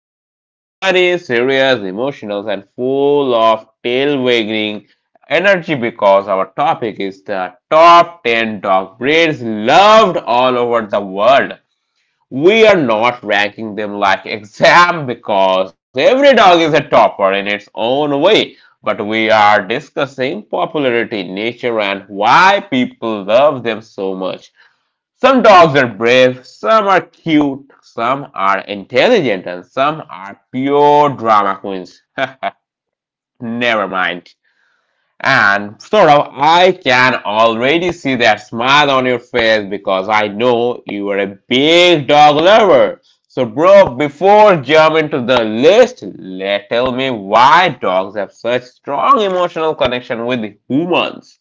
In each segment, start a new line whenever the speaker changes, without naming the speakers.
episode is funny, serious, emotional, and full of tail-wagging energy because our topic is the top 10 dog breeds loved all over the world. We are not ranking them like exam, because every dog is a topper in its own way, but we are discussing popularity, nature, and why people love them so much. Some dogs are brave, some are cute, some are intelligent, and some are pure drama queens. Never mind. And Saurabh, I can already see that smile on your face because I know you are a big dog lover. So, bro, before jumping to the list, let tell me why dogs have such strong emotional connection with humans.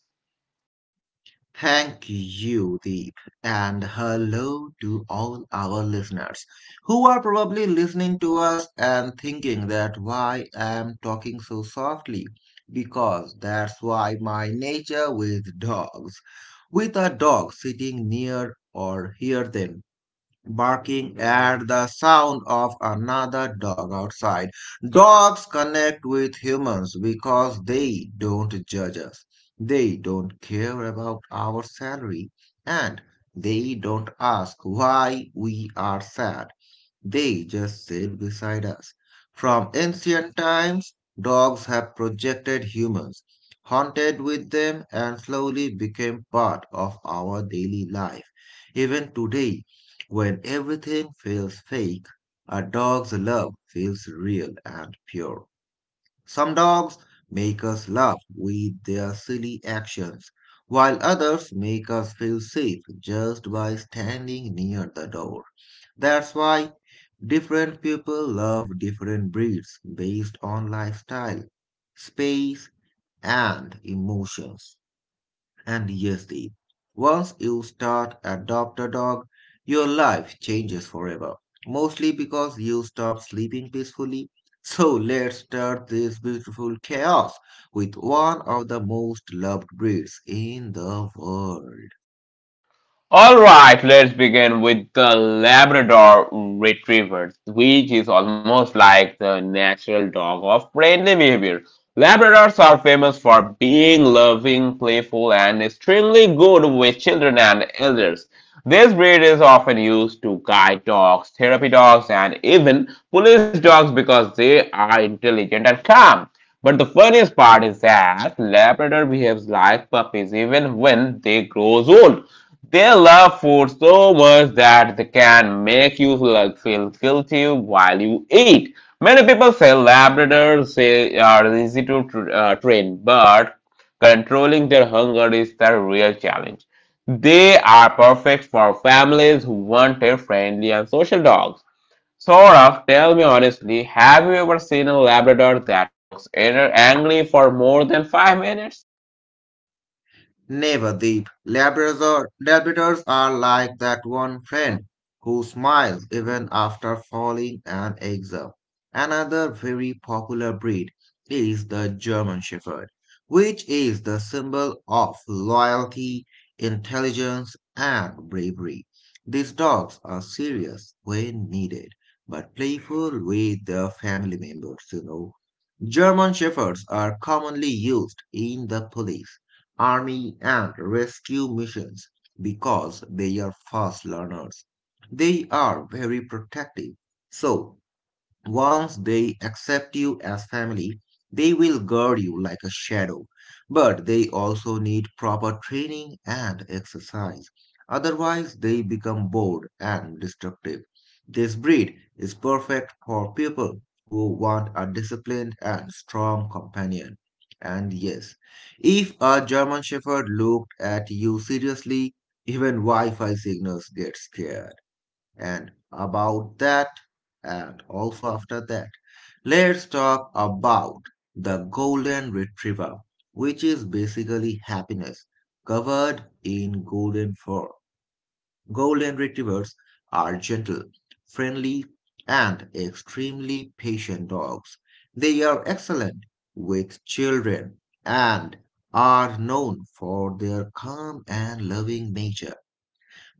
Thank you, Deep, and hello to all our listeners who are probably listening to us and thinking that why I'm talking so softly because that's why my nature with dogs. With a dog sitting near or hear them barking at the sound of another dog outside. Dogs connect with humans because they don't judge us, they don't care about our salary, and they don't ask why we are sad. They just sit beside us. From ancient times, dogs have projected humans, haunted with them, and slowly became part of our daily life. Even today, when everything feels fake, a dog's love feels real and pure. Some dogs make us laugh with their silly actions, while others make us feel safe just by standing near the door. That's why different people love different breeds based on lifestyle, space, and emotions. And yes, Deep, once you start adopt a dog, your life changes forever, mostly because you stop sleeping peacefully. So let's start this beautiful chaos with one of the most loved breeds in the world.
All right, let's begin with the Labrador Retriever, which is almost like the natural dog of friendly behavior. Labradors are famous for being loving, playful, and extremely good with children and elders. This breed is often used to guide dogs, therapy dogs, and even police dogs because they are intelligent and calm. But the funniest part is that Labrador behaves like puppies even when they grows old. They love food so much that they can make you like feel guilty while you eat. Many people say Labradors say are easy to train, but controlling their hunger is the real challenge. They are perfect for families who want a friendly and social dogs. Saurav, tell me honestly, have you ever seen a Labrador that looks angry for more than 5 minutes?
Never, Deep. Labradors are like that one friend who smiles even after falling an exam. Another very popular breed is the German Shepherd, which is the symbol of loyalty, intelligence, and bravery. These dogs are serious when needed, but playful with their family members, you know. German Shepherds are commonly used in the police army, and rescue missions because they are fast learners. They are very protective. So once they accept you as family, they will guard you like a shadow. But they also need proper training and exercise. Otherwise, they become bored and destructive. This breed is perfect for people who want a disciplined and strong companion. And yes, if a German Shepherd looked at you seriously, even Wi Fi signals get scared and about that and also after that. Let's talk about the golden retriever, which is basically happiness covered in golden fur. Golden retrievers are gentle, friendly, and extremely patient dogs. They are excellent with children and are known for their calm and loving nature.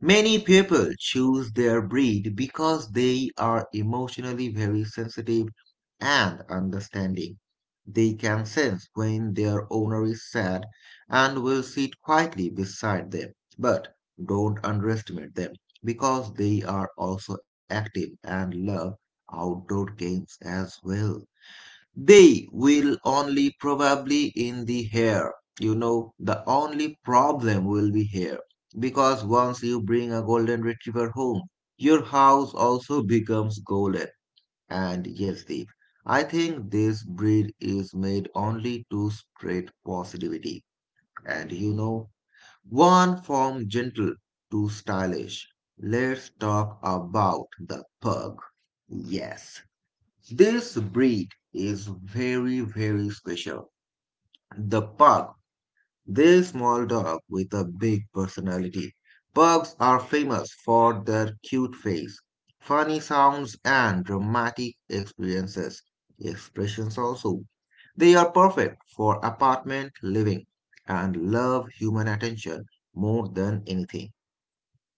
Many people choose their breed because they are emotionally very sensitive and understanding. They can sense when their owner is sad and will sit quietly beside them. But don't underestimate them because they are also active and love outdoor games as well. They will only probably in the hair. You know, the only problem will be hair. Because once you bring a golden retriever home, your house also becomes golden. And yes, Deep, I think this breed is made only to spread positivity. And you know, one from gentle to stylish. Let's talk about the pug. Yes. This breed is very, very special. The pug, this small dog with a big personality. Pugs are famous for their cute face, funny sounds, and dramatic experiences. Expressions also. They are perfect for apartment living and love human attention more than anything.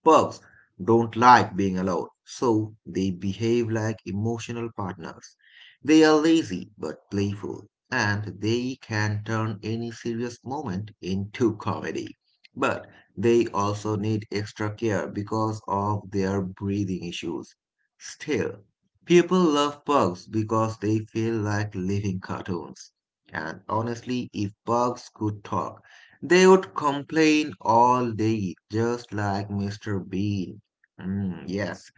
Pugs don't like being alone, so they behave like emotional partners. They are lazy but playful, and they can turn any serious moment into comedy. But they also need extra care because of their breathing issues. Still, people love pugs because they feel like living cartoons. And honestly, if pugs could talk, they would complain all day, just like Mr. Bean. Mm, yes.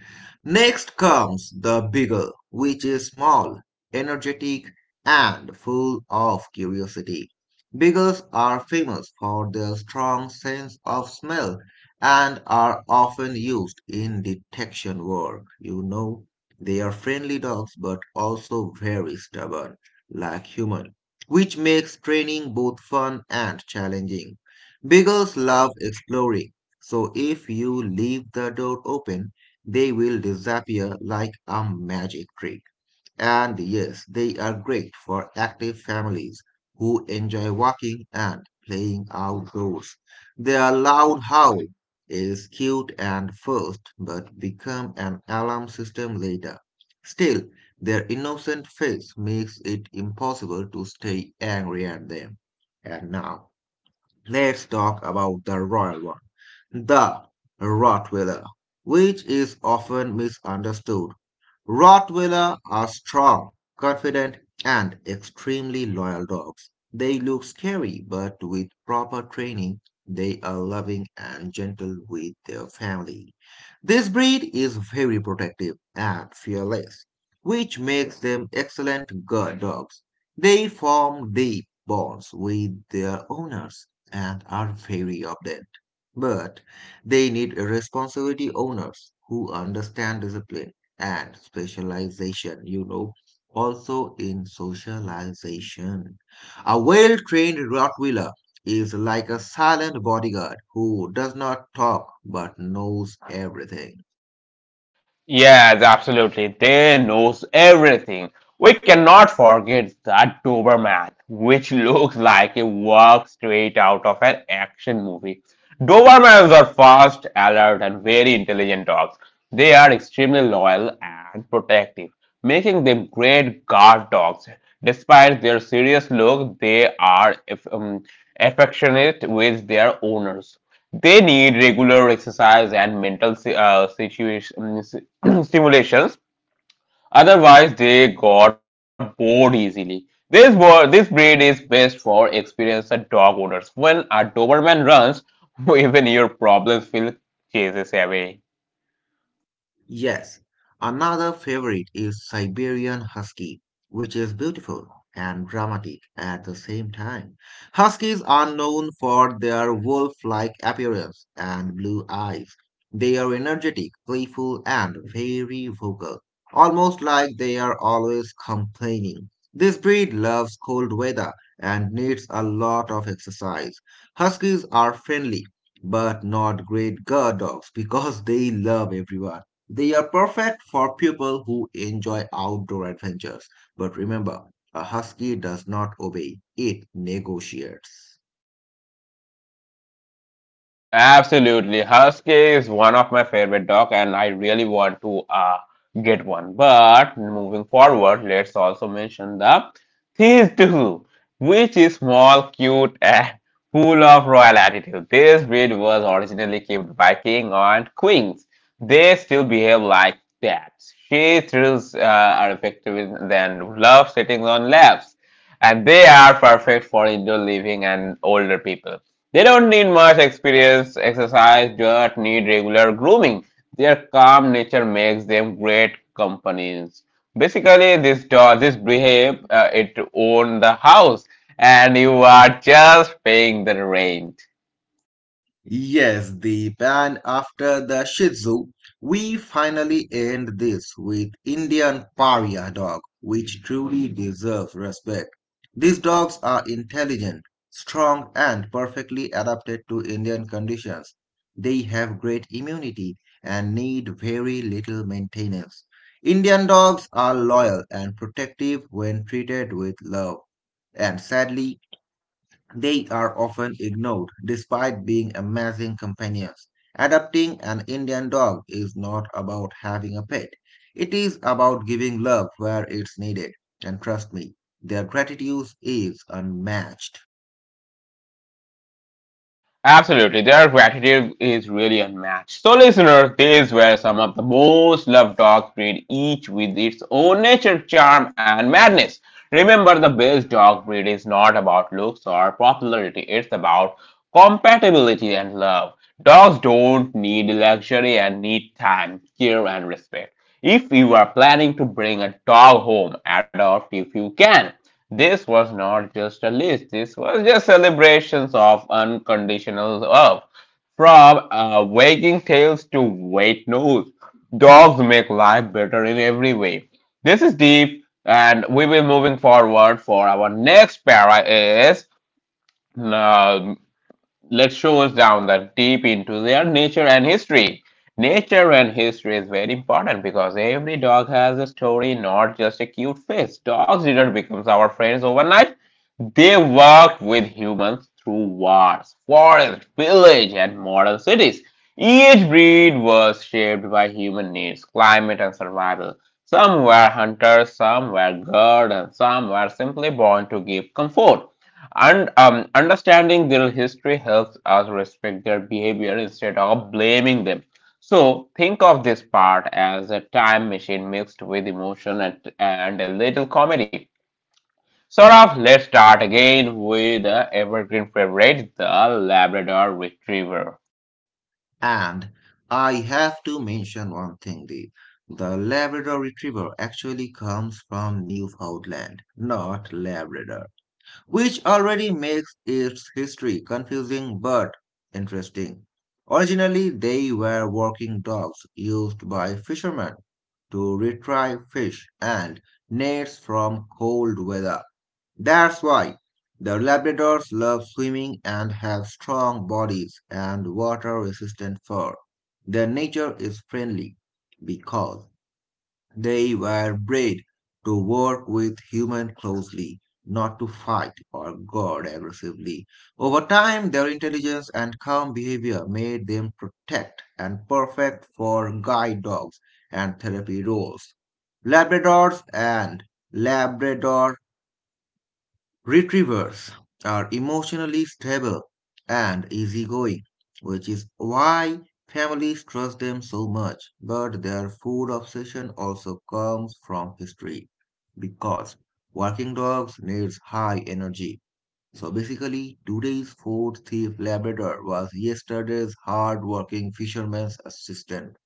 Next comes the beagle, which is small, energetic, and full of curiosity. Beagles are famous for their strong sense of smell and are often used in detection work. You know, they are friendly dogs but also very stubborn, like human, which makes training both fun and challenging. Beagles love exploring, so if you leave the door open, they will disappear like a magic trick. And yes, they are great for active families who enjoy walking and playing outdoors. Their loud howl is cute and first, but become an alarm system later. Still, their innocent face makes it impossible to stay angry at them. And now, let's talk about the royal one, the Rottweiler, which is often misunderstood. Rottweiler are strong, confident, and extremely loyal dogs. They look scary, but with proper training, they are loving and gentle with their family. This breed is very protective and fearless, which makes them excellent guard dogs. They form deep bonds with their owners and are very obedient, but they need responsibility owners who understand discipline and specialization, you know, also in socialization. A well trained Rottweiler is like a silent bodyguard who does not talk but knows everything.
Yes, absolutely. They knows everything. We cannot forget that Doberman, which looks like a work straight out of an action movie. Dobermans are fast, alert, and very intelligent dogs. They are extremely loyal and protective, making them great guard dogs. Despite their serious look, they are affectionate with their owners. They need regular exercise and mental situation, stimulations. Otherwise, they got bored easily. This word, this breed is best for experienced dog owners. When a Doberman runs, even your problems will chases away.
Yes, another favorite is Siberian Husky, which is beautiful and dramatic at the same time. Huskies are known for their wolf-like appearance and blue eyes. They are energetic, playful, and very vocal, almost like they are always complaining. This breed loves cold weather and needs a lot of exercise. Huskies are friendly, but not great guard dogs because they love everyone. They are perfect for people who enjoy outdoor adventures. But remember, a husky does not obey, it negotiates.
Absolutely. Husky is one of my favorite dog and I really want to get one. But moving forward, let's also mention the Thiestu, which is small, cute, and full of royal attitude. This breed was originally kept by king and queens. They still behave like cats. She thrills are effective than love sitting on laps. And they are perfect for indoor living and older people. They don't need much experience, exercise, just need regular grooming. Their calm nature makes them great companions. Basically, this dog, this behave, it own the house, and you are just paying the rent.
Yes, the and after the Shih Tzu, we finally end this with Indian Pariah dog, which truly deserves respect. These dogs are intelligent, strong, and perfectly adapted to Indian conditions. They have great immunity and need very little maintenance. Indian dogs are loyal and protective when treated with love. And sadly, they are often ignored despite being amazing companions. Adopting an Indian dog is not about having a pet. It is about giving love where it's needed. And trust me, their gratitude is unmatched.
Absolutely, their gratitude is really unmatched. So, listeners, these were some of the most loved dog breed, each with its own nature, charm, and madness. Remember, the best dog breed is not about looks or popularity; it's about compatibility and love. Dogs don't need luxury and need time, care, and respect. If you are planning to bring a dog home, adopt if you can. This was not just a list, this was just celebrations of unconditional love. From wagging tails to wet nose, dogs make life better in every way. This is deep, and we will moving forward for our next para is uh, let's show us down the deep into their nature and history. Nature and history is very important because every dog has a story, not just a cute face. Dogs didn't become our friends overnight. They worked with humans through wars, forests, villages, and modern cities. Each breed was shaped by human needs, climate, and survival. Some were hunters, some were guards, and some were simply born to give comfort. And Understanding their history helps us respect their behavior instead of blaming them. So think of this part as a time machine mixed with emotion and, a little comedy. Sort of, let's start again with the evergreen favorite, the Labrador Retriever.
And I have to mention one thing, Deep. The Labrador Retriever actually comes from Newfoundland, not Labrador, which already makes its history confusing but interesting. Originally, they were working dogs used by fishermen to retrieve fish and nets from cold weather. That's why the Labradors love swimming and have strong bodies and water resistant fur. Their nature is friendly because they were bred to work with humans closely, not to fight or guard aggressively. Over time, their intelligence and calm behavior made them protect and perfect for guide dogs and therapy roles. Labradors and Labrador Retrievers are emotionally stable and easygoing, which is why families trust them so much. But their food obsession also comes from history because working dogs needs high energy. So basically, today's food thief Labrador was yesterday's hard-working fisherman's assistant.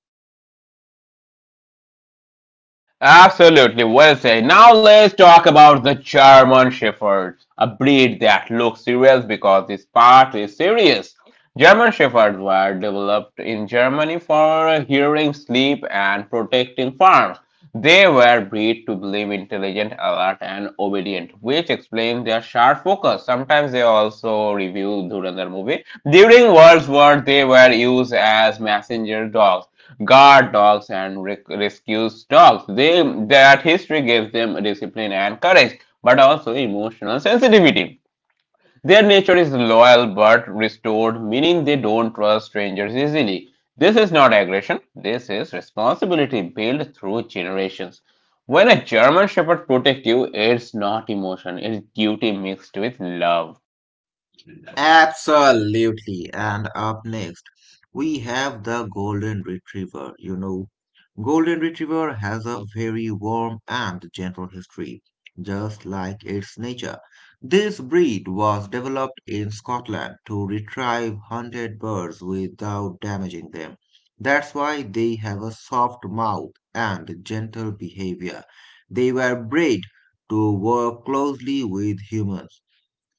Absolutely, well said. Now let's talk about the German Shepherd, a breed that looks serious because this part is serious. German Shepherds were developed in Germany for hearing, sleep, and protecting farms. They were bred to believe intelligent, alert, and obedient, which explains their sharp focus. Sometimes they also review Dhurandhar movie. During World War, they were used as messenger dogs, guard dogs, and rescues dogs. That history gives them discipline and courage, but also emotional sensitivity. Their nature is loyal but restored, meaning they don't trust strangers easily. This is not aggression, this is responsibility built through generations. When a German Shepherd protects you, it's not emotion, it's duty mixed with love.
Absolutely. And up next, we have the Golden Retriever. You know, Golden Retriever has a very warm and gentle history, just like its nature. This breed was developed in Scotland to retrieve hunted birds without damaging them. That's why they have a soft mouth and gentle behavior. They were bred to work closely with humans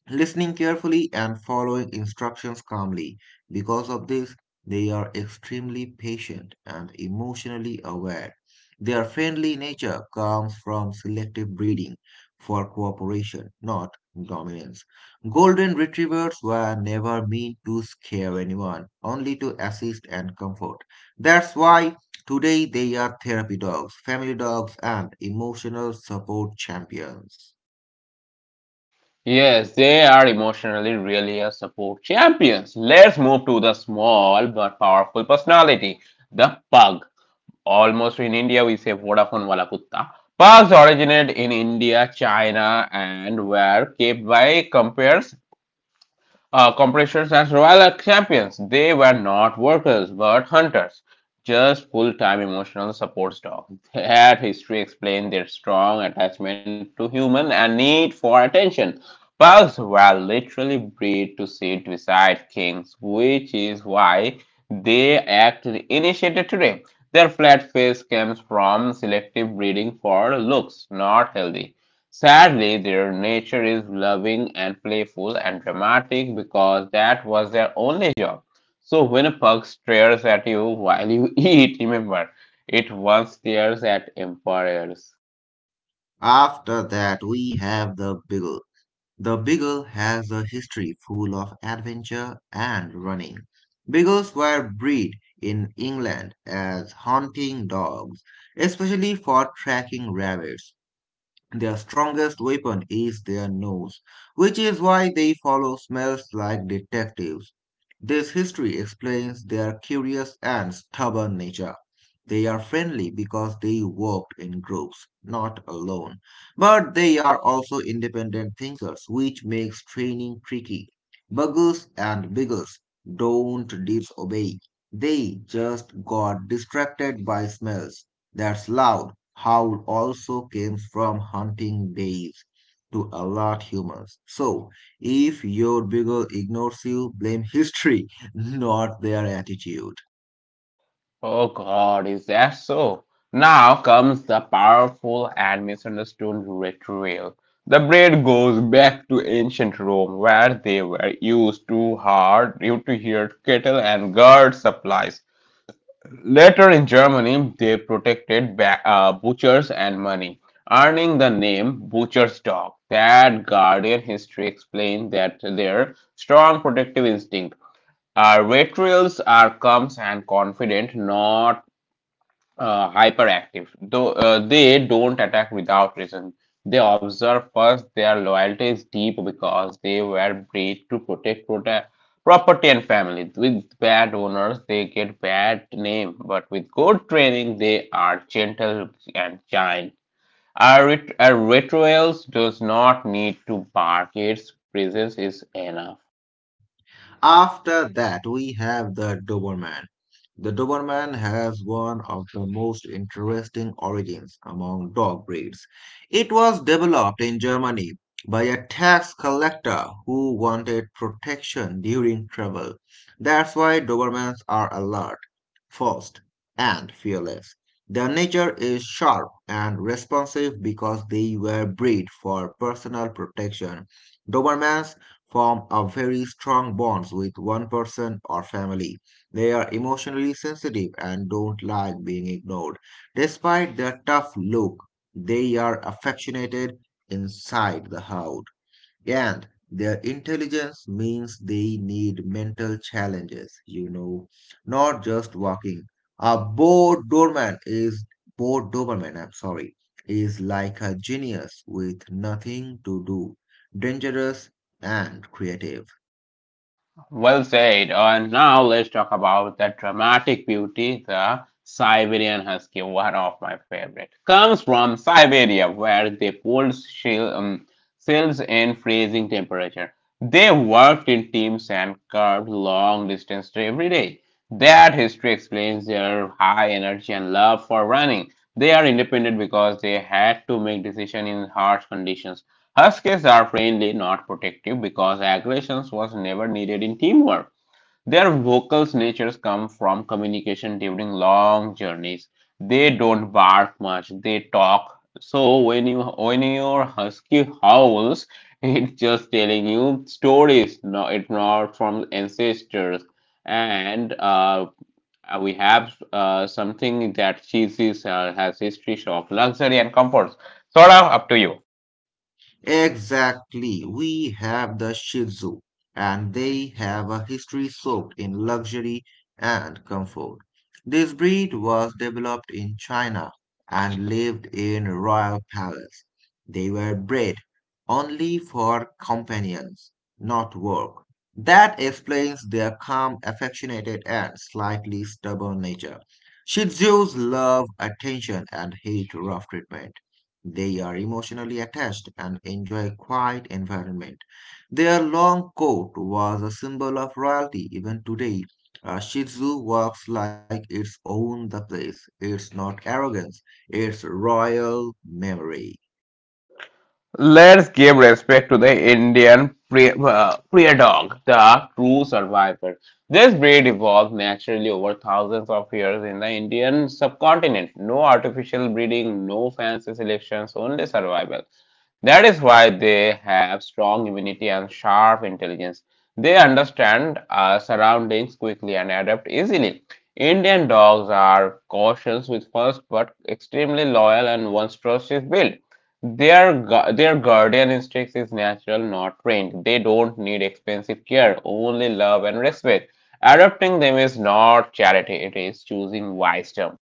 listening carefully and following instructions calmly. Because of this, they are extremely patient and emotionally aware. Their friendly nature comes from selective breeding for cooperation, not dominance. Golden retrievers were never meant to scare anyone, only to assist and comfort. That's why today they are therapy dogs, family dogs, and emotional support champions.
Yes, they are emotionally really a support champions. Let's move to the small but powerful personality, the pug. Almost in India, we say Vodafone wala kutta. Pugs originate in India, China, and were kept by compares. Corporations as royal champions, they were not workers but hunters, just full time emotional support staff. That history explained their strong attachment to human and need for attention. Pugs were literally bred to sit beside kings, which is why they act initiated today. Their flat face comes from selective breeding for looks, not healthy. Sadly, their nature is loving and playful and dramatic because that was their only job. So when a pug stares at you while you eat, remember, it once stares at emperors.
After that, we have the Beagle. The Beagle has a history full of adventure and running. Beagles were bred in England as hunting dogs, especially for tracking rabbits. Their strongest weapon is their nose, which is why they follow smells like detectives. This history explains their curious and stubborn nature. They are friendly because they worked in groups, not alone. But they are also independent thinkers, which makes training tricky. Buggles and Biggles don't disobey. They just got distracted by smells. That's loud Howl also came from hunting days to alert humans. So, if your beagle ignores you, blame history, not their attitude.
Oh God, is that so? Now comes the powerful and misunderstood ritual. The bread goes back to ancient Rome, where they were used to hard due to hear cattle and guard supplies. Later in Germany, they protected butchers and money, earning the name butcher's dog. That Guardian history explained that their strong protective instinct. Our retrials are calm and confident, not hyperactive. Though they don't attack without reason. They observe first. Their loyalty is deep because they were bred to protect property and family. With bad owners, they get bad name, but with good training, they are gentle and kind. Our rituals does not need to bark. Its presence is enough.
After that, we have the Doberman. The Doberman has one of the most interesting origins among dog breeds. It was developed in Germany by a tax collector who wanted protection during trouble. That's why Dobermans are alert fast, and fearless. Their nature is sharp and responsive because they were bred for personal protection. Dobermans form a very strong bonds with one person or family. They are emotionally sensitive and don't like being ignored. Despite their tough look, they are affectionate inside the house. And their intelligence means they need mental challenges, you know, not just walking. A bored doberman, I'm sorry, is like a genius with nothing to do, dangerous and creative.
Well said. And now let's talk about the dramatic beauty the Siberian Husky, one of my favorite. Comes from Siberia, where they pulled cells in freezing temperature. They worked in teams and curved long distance every day. That history explains their high energy and love for running. They are independent because they had to make decisions in harsh conditions. Huskies are friendly, not protective because aggression was never needed in teamwork. Their vocal natures come from communication during long journeys. They don't bark much, they talk. So when you when your husky howls, it's just telling you stories, no, it's not from ancestors. And we have something that she sees has history of luxury and comforts. Sort of up to you.
Exactly. We have the Shih Tzu, and they have a history soaked in luxury and comfort. This breed was developed in China and lived in royal palace. They were bred only for companions, not work. That explains their calm, affectionate, and slightly stubborn nature. Shih Tzus love attention and hate rough treatment. They are emotionally attached and enjoy a quiet environment. Their long coat was a symbol of royalty. Even today, a Shih Tzu walks like it's owned the place. It's not arrogance, it's royal memory.
Let's give respect to the dog, the true survivor. This breed evolved naturally over thousands of years in the Indian subcontinent. No artificial breeding, no fancy selections, only survival. That is why they have strong immunity and sharp intelligence. They understand surroundings quickly and adapt easily. Indian dogs are cautious with first but extremely loyal and voluptuous build. Their guardian instinct is natural, not trained. They don't need expensive care, only love and respect. Adopting them is not charity, it is choosing wisdom.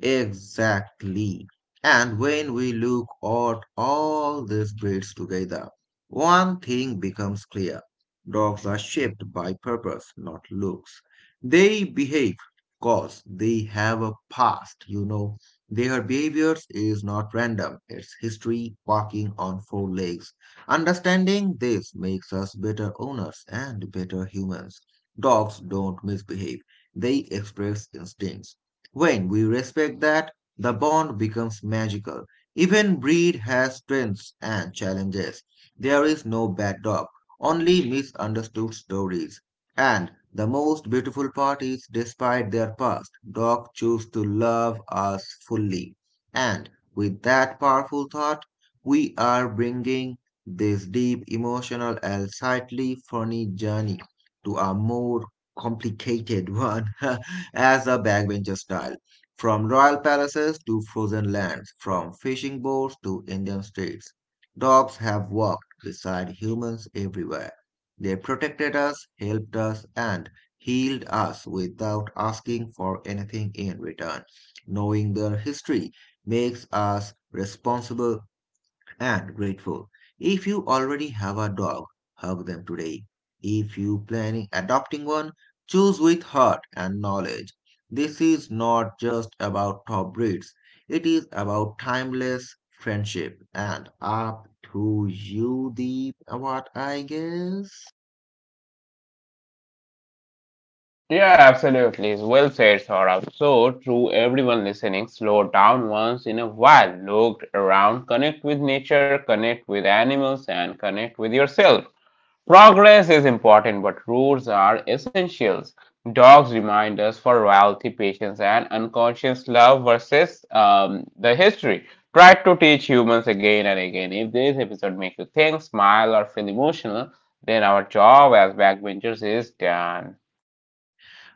Exactly. And when we look at all these breeds together, one thing becomes clear. Dogs are shaped by purpose, not looks. They behave because they have a past, you know. Their behaviors is not random, it's history walking on four legs. Understanding this makes us better owners and better humans. Dogs don't misbehave, they express instincts. When we respect that, the bond becomes magical. Even breed has strengths and challenges. There is no bad dog, only misunderstood stories. And the most beautiful part is, despite their past, dogs choose to love us fully. And with that powerful thought, we are bringing this deep emotional and slightly funny journey to a more complicated one. as a backbencher style. From royal palaces to frozen lands, from fishing boats to Indian streets, dogs have walked beside humans everywhere. They protected us, helped us, and healed us without asking for anything in return. Knowing their history makes us responsible and grateful. If you already have a dog, hug them today. If you planning adopting one, choose with heart and knowledge. This is not just about top breeds. It is about timeless friendship and up to you the what I guess.
Yeah, absolutely. Well said, Saurabh. So, to everyone listening, slow down once in a while, look around, connect with nature, connect with animals, and connect with yourself. Progress is important, but rules are essentials. Dogs remind us for loyalty, patience, and unconscious love versus the history. Try to teach humans again and again. If this episode makes you think, smile, or feel emotional, then our job as backbenchers is done.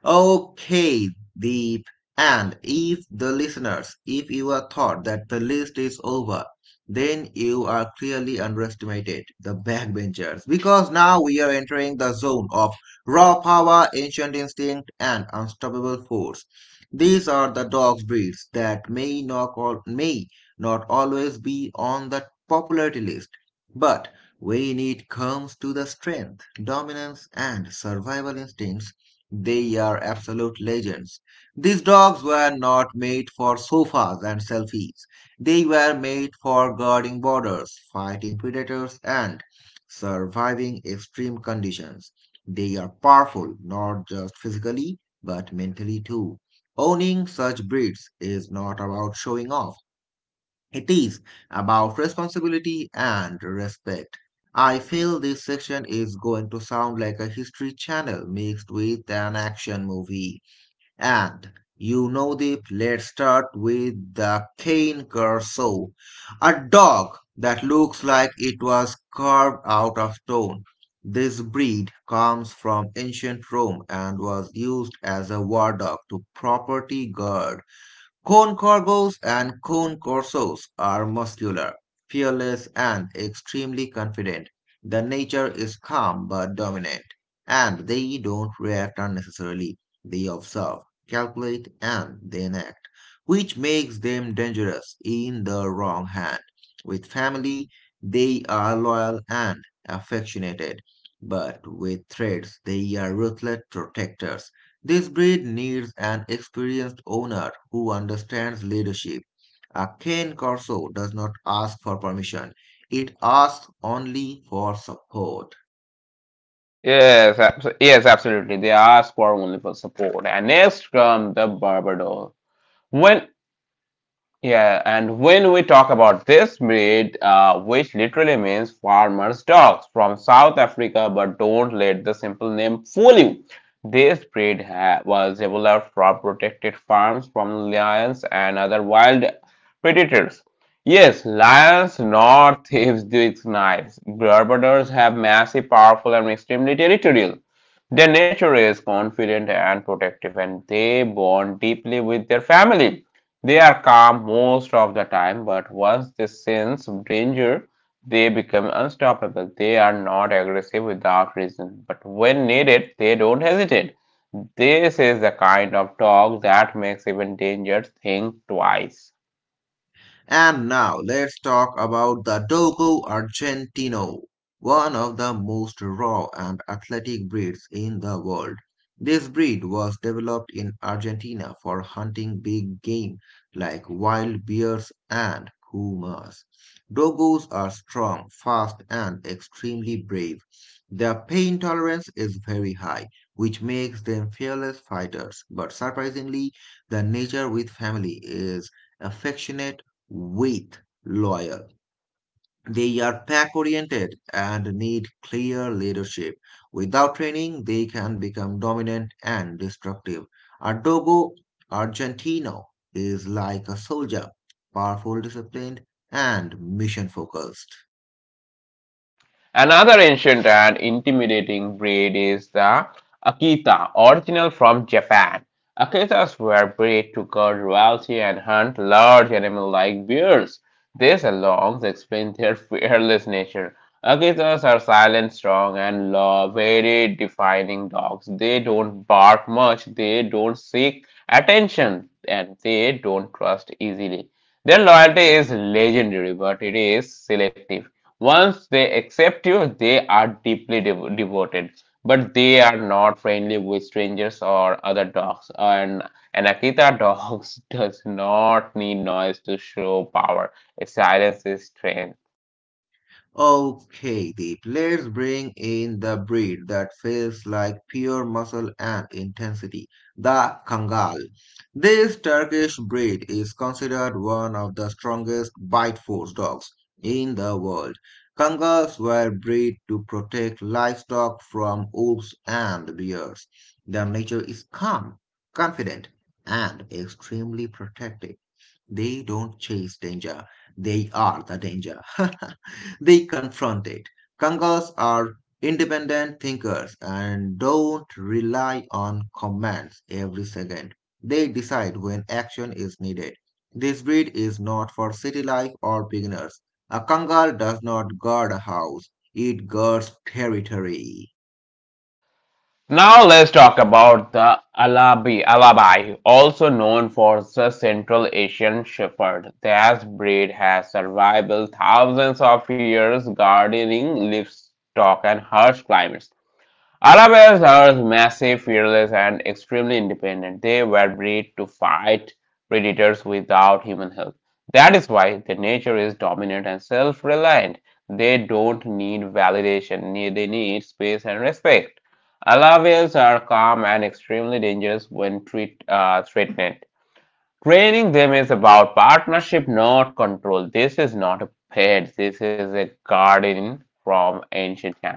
Okay, Deep. And if the listeners, if you are thought that the list is over, then you are clearly underestimated the backbenchers because now we are entering the zone of raw power, ancient instinct, and unstoppable force. These are the dog breeds that may not always be on the popularity list, but when it comes to the strength, dominance, and survival instincts, they are absolute legends. These dogs were not made for sofas and selfies. They were made for guarding borders, fighting predators, and surviving extreme conditions. They are powerful, not just physically, but mentally too. Owning such breeds is not about showing off. It is about responsibility and respect. I feel this section is going to sound like a history channel mixed with an action movie. And you know the let's start with the Cane Corso, a dog that looks like it was carved out of stone. This breed comes from ancient Rome and was used as a war dog to property guard. Cone Corgos and Cone Corsos are muscular, fearless, and extremely confident. The nature is calm but dominant, and they don't react unnecessarily. They observe, calculate, and then act, which makes them dangerous in the wrong hand. With family, they are loyal and affectionate, but with threats, they are ruthless protectors. This breed needs an experienced owner who understands leadership. A Cane Corso does not ask for permission, it asks only for support.
Yes, yes, absolutely. They ask for only for support. And next from the Barbador. When Yeah, and when we talk about this breed, which literally means farmers' dogs from South Africa, but don't let the simple name fool you. This breed was developed from protected farms from lions and other wild predators. Yes, lions, nor thieves with knives. Barbadors have massive, powerful, and extremely territorial. Their nature is confident and protective, and they bond deeply with their family. They are calm most of the time, but once they sense danger, they become unstoppable. They are not aggressive without reason, but when needed, they don't hesitate. This is the kind of dog that makes even dangerous think twice.
And now let's talk about the Dogo Argentino, one of the most raw and athletic breeds in the world. This breed was developed in Argentina for hunting big game like wild bears and pumas. Dogos are strong, fast, and extremely brave. Their pain tolerance is very high, which makes them fearless fighters. But surprisingly, the nature with family is affectionate with loyal. They are pack oriented and need clear leadership. Without training, they can become dominant and destructive. A Dogo Argentino is like a soldier, powerful, disciplined, and mission focused.
Another ancient and intimidating breed is the Akita, original from Japan. Akitas were bred to guard royalty and hunt large animal like bears. This alone explains their fearless nature. Akitas are silent, strong, and law very defining dogs. They don't bark much, they don't seek attention, and they don't trust easily. Their loyalty is legendary, but it is selective. Once they accept you, they are deeply devoted, but they are not friendly with strangers or other dogs. And an Akita dog does not need noise to show power. Silence is strength.
Okay, Deep, let's bring in the breed that feels like pure muscle and intensity, the Kangal. This Turkish breed is considered one of the strongest bite force dogs in the world. Kangals were bred to protect livestock from wolves and bears. Their nature is calm, confident, and extremely protective. They don't chase danger, they are the danger. they confront it. Kangas are independent thinkers and don't rely on commands every second. They decide when action is needed. This breed is not for city life or beginners. A Kangal does not guard a house, it guards territory.
Now let's talk about the Alabi, Alabai, also known for the Central Asian Shepherd. This breed has survived thousands of years gardening, livestock, and harsh climates. Arabs are massive, fearless, and extremely independent. They were bred to fight predators without human help. That is why their nature is dominant and self reliant. They don't need validation, they need space and respect. Alawites are calm and extremely dangerous when threatened. Training them is about partnership, not control. This is not a pet, this is a guardian from ancient times.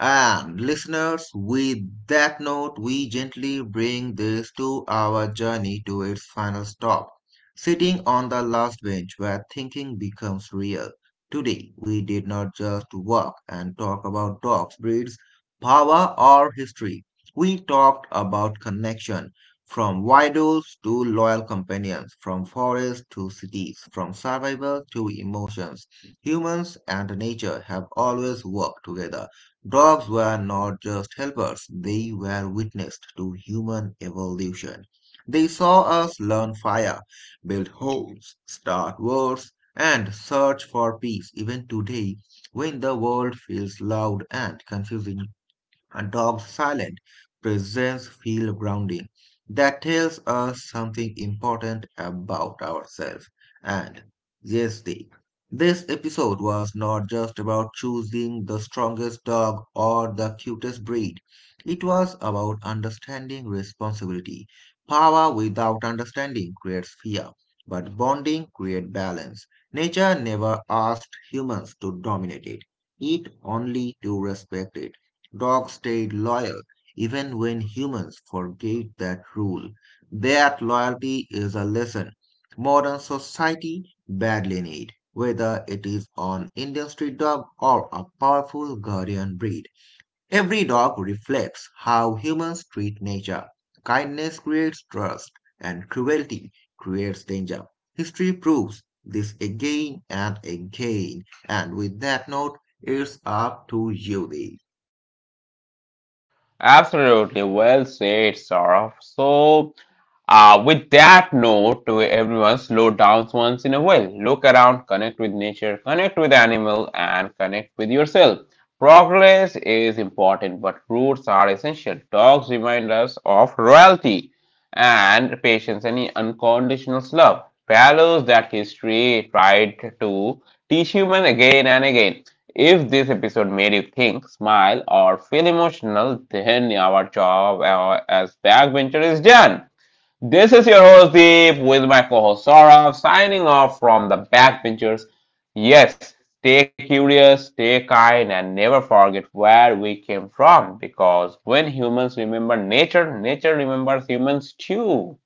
And listeners, with that note, we gently bring this 2 hour journey to its final stop, sitting on the last bench where thinking becomes real. Today, we did not just walk and talk about dogs, breeds, power, or history. We talked about connection from idols to loyal companions, from forests to cities, from survival to emotions. Humans and nature have always worked together. Dogs were not just helpers, they were witness to human evolution. They saw us learn fire, build homes, start wars, and search for peace. Even today, when the world feels loud and confusing, a dog's silent presence feels grounding. That tells us something important about ourselves and gestic. This episode was not just about choosing the strongest dog or the cutest breed. It was about understanding responsibility. Power without understanding creates fear, but bonding creates balance. Nature never asked humans to dominate it, it only to respect it. Dogs stayed loyal even when humans forget that rule. That loyalty is a lesson modern society badly needs. Whether it is an industry dog or a powerful guardian breed, every dog reflects how humans treat nature. Kindness creates trust, and cruelty creates danger. History proves this again and again. And with that note, it's up to you, Deep.
Absolutely, well said, Sarah. So, with that note to everyone, slow down once in a while. Look around, connect with nature, connect with animal, and connect with yourself. Progress is important, but roots are essential. Dogs remind us of royalty and patience and unconditional love. Values that history tried to teach human again and again. If this episode made you think, smile, or feel emotional, then our job as backbencher is done. This is your host Deep with my co-host Saurav signing off from the backbenchers. Yes, stay curious, stay kind, and never forget where we came from because when humans remember nature, nature remembers humans too.